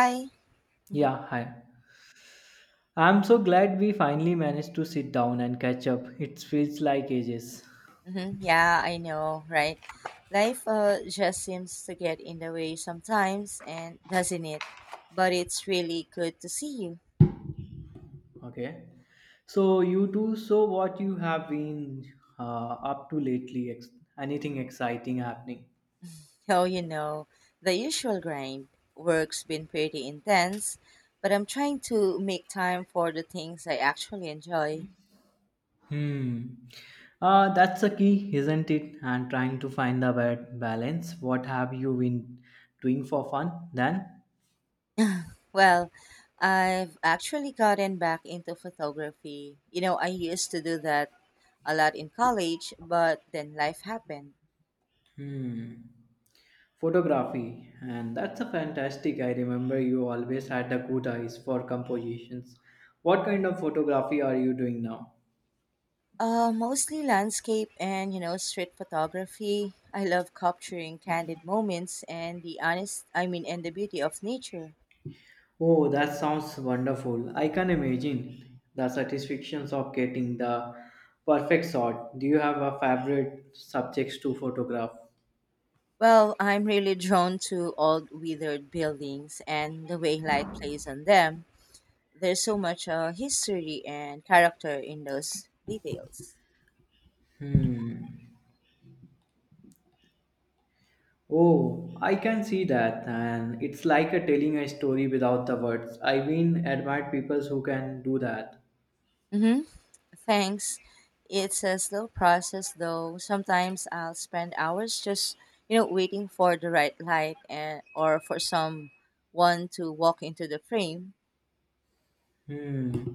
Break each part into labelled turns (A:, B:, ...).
A: Hi.
B: Yeah, hi. I'm so glad we finally managed to sit down and catch up. It feels like ages.
A: Yeah, I know, right? Life just seems to get in the way sometimes, and doesn't it? But it's really good to see you.
B: Okay. So you two, so what you have been up to lately? Anything exciting happening?
A: Oh, you know, the usual grind. Work's been pretty intense, but I'm trying to make time for the things I actually enjoy.
B: Hmm. That's the key, isn't it? And trying to find the balance. What have you been doing for fun then?
A: Well, I've actually gotten back into photography. You know, I used to do that a lot in college, but then life happened.
B: Hmm. Photography, and that's a fantastic. I remember you always had a good eyes for compositions. What kind of photography are you doing now?
A: Mostly landscape and you know street photography. I love capturing candid moments and the honest, I mean, and the beauty of nature.
B: Oh, that sounds wonderful. I can imagine the satisfactions of getting the perfect shot. Do you have a favorite subjects to photograph?
A: Well, I'm really drawn to old withered buildings and the way light plays on them. There's so much history and character in those details.
B: Hmm. Oh, I can see that, and it's like a telling a story without the words. I mean, admire people who can do that.
A: Mm-hmm. Thanks. It's a slow process though. Sometimes I'll spend hours just, you know, waiting for the right light and or for someone to walk into the frame.
B: Hmm.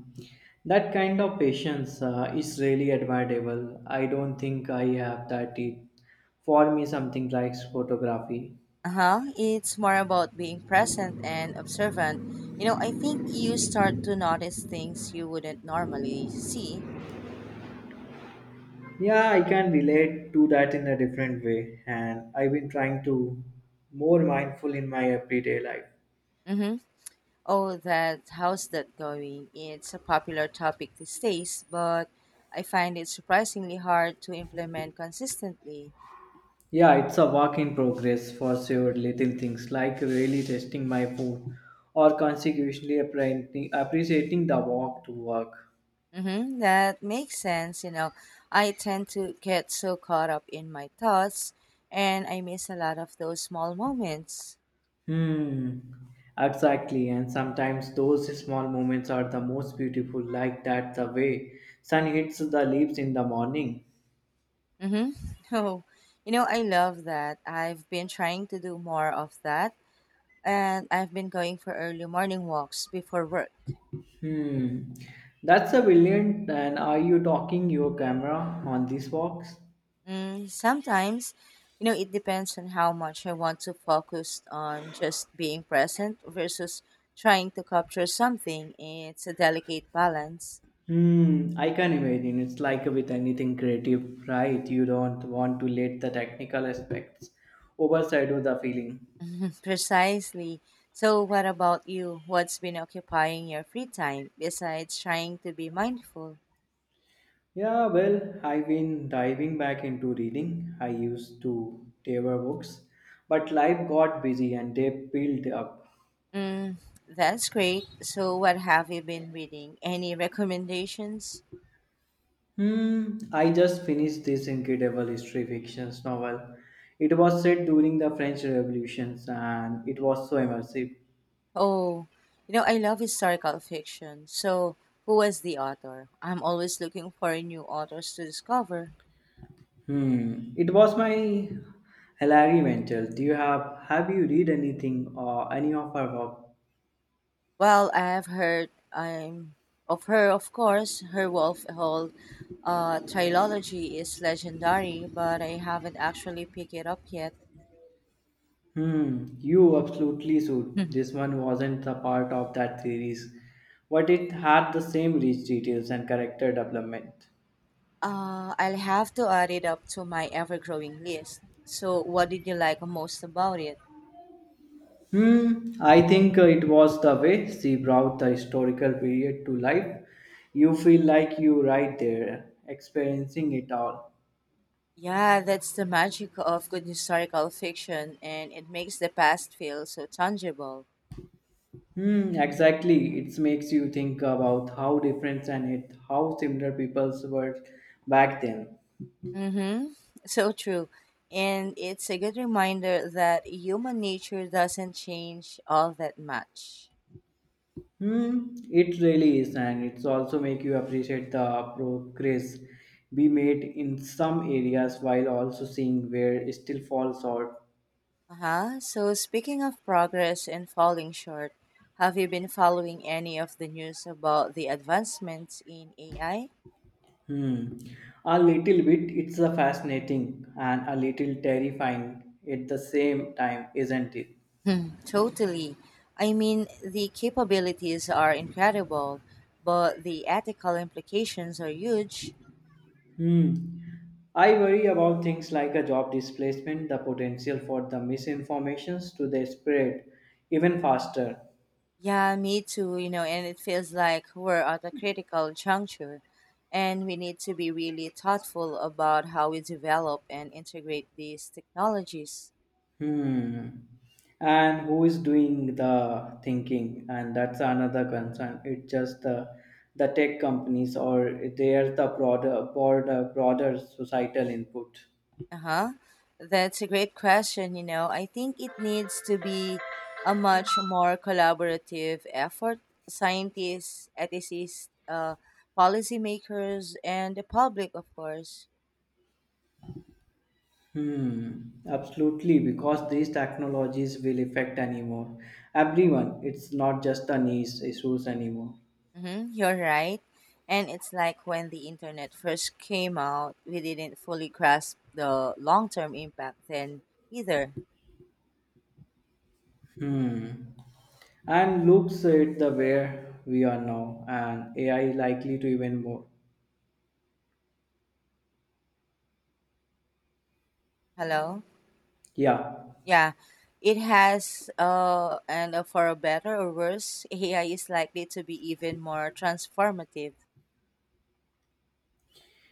B: That kind of patience is really admirable. I don't think I have that. It for me, something like photography.
A: Uh-huh. It's more about being present and observant. You know, I think you start to notice things you wouldn't normally see.
B: Yeah, I can relate to that in a different way, and I've been trying to more mindful in my everyday life.
A: Mm-hmm. Oh, that how's that going? It's a popular topic these days, but I find it surprisingly hard to implement consistently.
B: Yeah, it's a work in progress for sure. Little things like really testing my food or consequently appreciating the walk to work.
A: Mm-hmm, that makes sense. You know, I tend to get so caught up in my thoughts and I miss a lot of those small moments.
B: Hmm, exactly. And sometimes those small moments are the most beautiful, like that the way sun hits the leaves in the morning.
A: Mm-hmm. Oh, you know, I love that. I've been trying to do more of that and I've been going for early morning walks before work.
B: Hmm, that's a brilliant. And are you talking your camera on this box?
A: Mm, sometimes, you know, it depends on how much I want to focus on just being present versus trying to capture something. It's a delicate balance.
B: Hmm, I can imagine. It's like with anything creative, right? You don't want to let the technical aspects overshadow the feeling.
A: Precisely. So, what about you? What's been occupying your free time besides trying to be mindful?
B: Yeah, well, I've been diving back into reading. I used to devour books, but life got busy and they built up.
A: Mm, that's great. So, what have you been reading? Any recommendations?
B: Hmm, I just finished this incredible history fiction novel. It was set during the French Revolutions and it was so immersive.
A: Oh, you know, I love historical fiction. So, who was the author? I'm always looking for new authors to discover.
B: Hmm, it was my Hilary Mantel. Do you have you read anything or any of her work?
A: Well, I've heard I'm of her, of course. Her Wolf Hall trilogy is legendary, but I haven't actually picked it up yet.
B: Hmm, you absolutely should. This one wasn't the part of that series, but it had the same rich details and character development.
A: I'll have to add it up to my ever-growing list. So, what did you like most about it?
B: Hmm, I think it was the way she brought the historical period to life. You feel like you right there, experiencing it all.
A: Yeah, that's the magic of good historical fiction, and it makes the past feel so tangible.
B: Hmm, exactly. It makes you think about how different and it, how similar peoples were back then.
A: Mm-hmm. So true. And it's a good reminder that human nature doesn't change all that much.
B: Hmm, it really is, and it's also make you appreciate the progress we made in some areas while also seeing where it still falls short.
A: Uh-huh. So speaking of progress and falling short, have you been following any of the news about the advancements in AI?
B: Hmm, a little bit. It's a fascinating and a little terrifying at the same time, isn't it?
A: Hmm, totally. I mean, the capabilities are incredible, but the ethical implications are huge.
B: Hmm. I worry about things like a job displacement, the potential for the misinformations to the spread even faster.
A: Yeah, me too, you know, and it feels like we're at a critical juncture and we need to be really thoughtful about how we develop and integrate these technologies.
B: Hmm. And who is doing the thinking? And that's another concern. It's just the tech companies or there's the broader societal input.
A: Uh-huh. That's a great question, you know. I think it needs to be a much more collaborative effort. Scientists, ethicists, policymakers, and the public, of course.
B: Hmm, absolutely, because these technologies will affect anymore. Everyone, it's not just the niche issues anymore.
A: Mm-hmm, you're right. And it's like when the internet first came out, we didn't fully grasp the long term impact then either.
B: Hmm. And looks at the where we are now, and AI likely to even more.
A: Hello?
B: Yeah,
A: Yeah. It has, and for a better or worse, AI is likely to be even more transformative.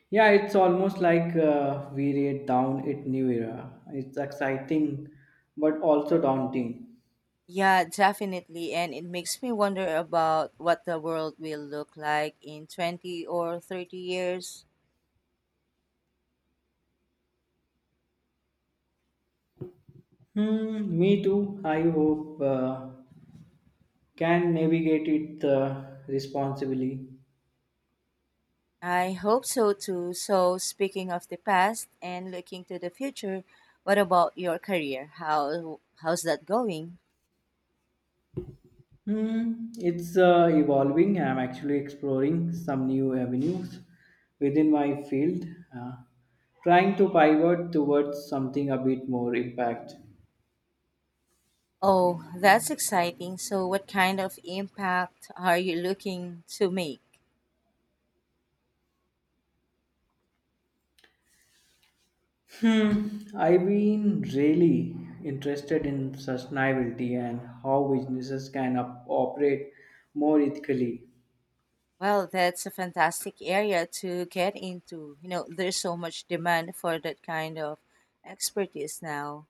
B: yeah, it's almost like we read down it new era. It's exciting, but also daunting.
A: Yeah, definitely. And it makes me wonder about what the world will look like in 20 or 30 years.
B: Hmm, me too. I hope can navigate it responsibly.
A: I hope so too. So, speaking of the past and looking to the future, what about your career? How's that going?
B: Hmm, it's evolving. I'm actually exploring some new avenues within my field, uh, trying to pivot towards something a bit more impact.
A: Oh, that's exciting. So, what kind of impact are you looking to make?
B: Hmm, I've been really interested in sustainability and how businesses can operate more ethically.
A: Well, that's a fantastic area to get into. You know, there's so much demand for that kind of expertise now.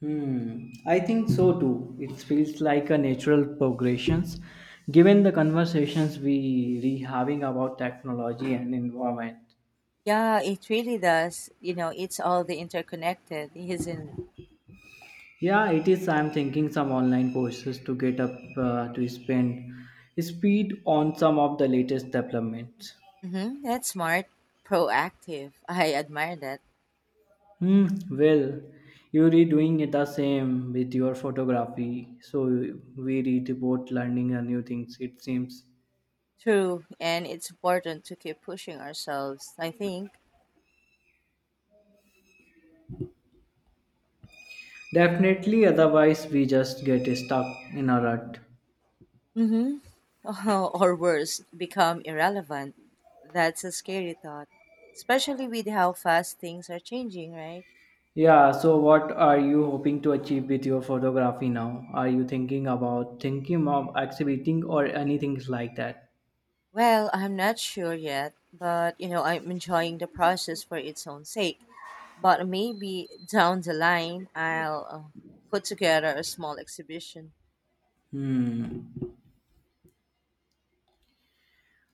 B: Hmm, I think so too. It feels like a natural progression given the conversations we re having about technology and environment.
A: Yeah, it really does. You know, it's all the interconnected, isn't it?
B: Yeah, it is. I'm thinking some online courses to get up to spend speed on some of the latest developments.
A: Mm-hmm. That's smart, proactive. I admire that.
B: Hmm. Well, you're doing it the same with your photography, so we read about learning a new things, it seems.
A: True, and it's important to keep pushing ourselves, I think.
B: Definitely, otherwise, we just get stuck in a rut.
A: Mm-hmm. Or worse, become irrelevant. That's a scary thought, especially with how fast things are changing, right?
B: Yeah, so what are you hoping to achieve with your photography now? Are you thinking of exhibiting or anything like that?
A: Well, I'm not sure yet, but you know, I'm enjoying the process for its own sake. But maybe down the line, I'll put together a small exhibition.
B: Hmm.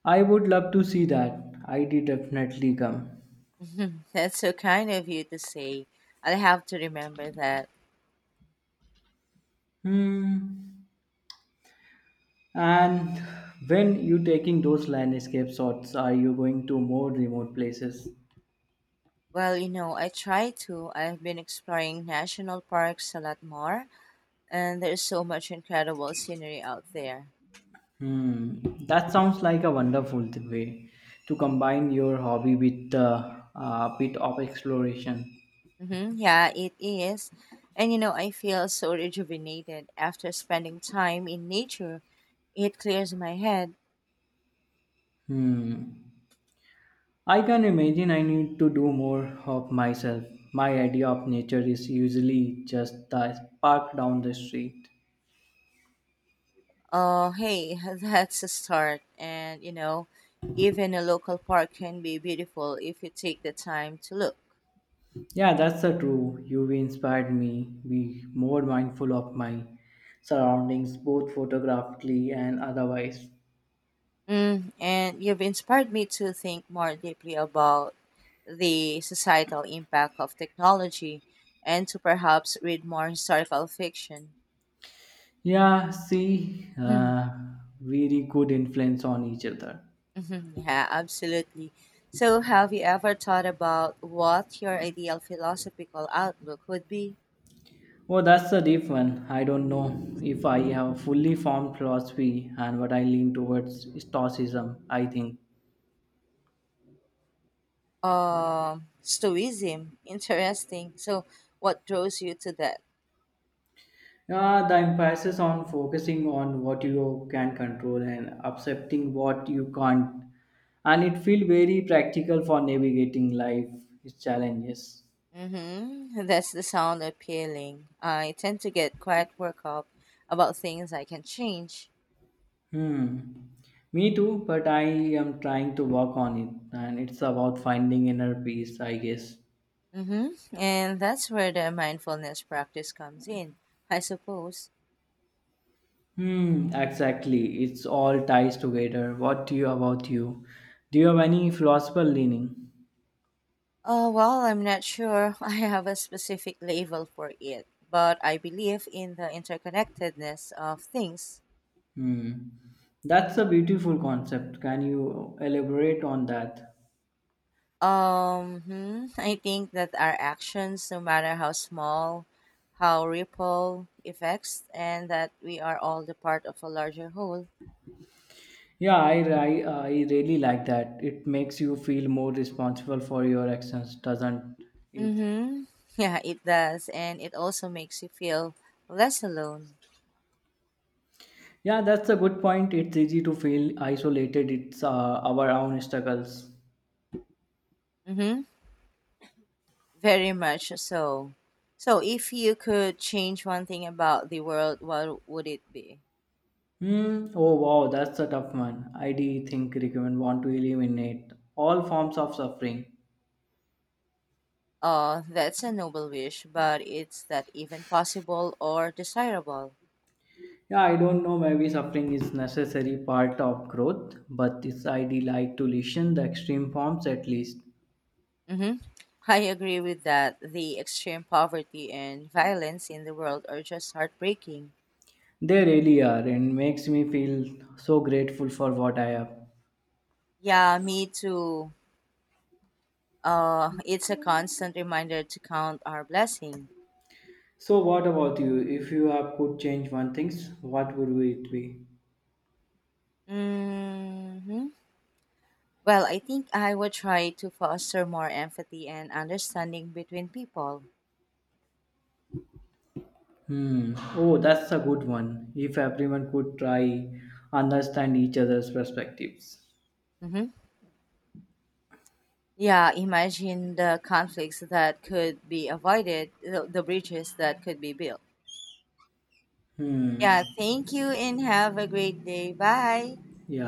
B: I would love to see that. I did definitely come.
A: That's so kind of you to say. I'll have to remember that.
B: Hmm. And when you taking those landscape shots, are you going to more remote places?
A: Well, you know, I try to. I've been exploring national parks a lot more, and there's so much incredible scenery out there.
B: Hmm, that sounds like a wonderful way to combine your hobby with a bit of exploration.
A: Yeah, it is. And you know, I feel so rejuvenated after spending time in nature. It clears my head.
B: Hmm, I can imagine I need to do more of myself. My idea of nature is usually just the park down the street.
A: Oh, hey, that's a start. And you know, even a local park can be beautiful if you take the time to look.
B: Yeah, that's so true. You've inspired me be more mindful of my surroundings, both photographically and otherwise.
A: Mm, and you've inspired me to think more deeply about the societal impact of technology and to perhaps read more historical fiction.
B: Yeah, see,
A: Mhm,
B: very good influence on each other.
A: mhm, yeah, absolutely. So, have you ever thought about what your ideal philosophical outlook would be?
B: Oh, that's a deep one. I don't know if I have a fully formed philosophy and what I lean towards is Stoicism, I think.
A: Stoicism, interesting. So, what draws you to that?
B: The emphasis on focusing on what you can control and accepting what you can't. And it feels very practical for navigating life's challenges.
A: Mm-hmm. That's the sound appealing. I tend to get quite worked up about things I can change.
B: Hmm. Me too, but I am trying to work on it. And it's about finding inner peace, I guess.
A: Mm-hmm. And that's where the mindfulness practice comes in, I suppose.
B: Hmm, exactly. It's all ties together. What do you about you? Do you have any philosophical leaning?
A: Well, I'm not sure I have a specific label for it, but I believe in the interconnectedness of things.
B: Hmm. That's a beautiful concept. Can you elaborate on that?
A: I think that our actions, no matter how small, how ripple effects, and that we are all the part of a larger whole.
B: Yeah, I really like that. It makes you feel more responsible for your actions, doesn't it?
A: Mm-hmm. Yeah, it does, and it also makes you feel less alone.
B: Yeah, that's a good point. It's easy to feel isolated. It's our own struggles.
A: Mm-hmm. Very much so. So, if you could change one thing about the world, what would it be?
B: Hmm. Oh wow, that's a tough one. I do think recommend want to eliminate all forms of suffering.
A: That's a noble wish, but it's that even possible or desirable.
B: Yeah, I don't know. Maybe suffering is necessary part of growth, but it's ID like to listen the extreme forms at least.
A: Mm-hmm. I agree with that. The extreme poverty and violence in the world are just heartbreaking.
B: They really are, and makes me feel so grateful for what I have.
A: Yeah, me too. It's a constant reminder to count our blessing.
B: So, what about you? If you have could change one things, what would it be?
A: Mm-hmm. Well, I think I would try to foster more empathy and understanding between people.
B: Hmm. Oh, that's a good one. If everyone could try understand each other's perspectives.
A: hmm Yeah, imagine the conflicts that could be avoided, the bridges that could be built. Yeah,
B: Hmm.
A: thank you and have a great day. Bye.
B: Yeah.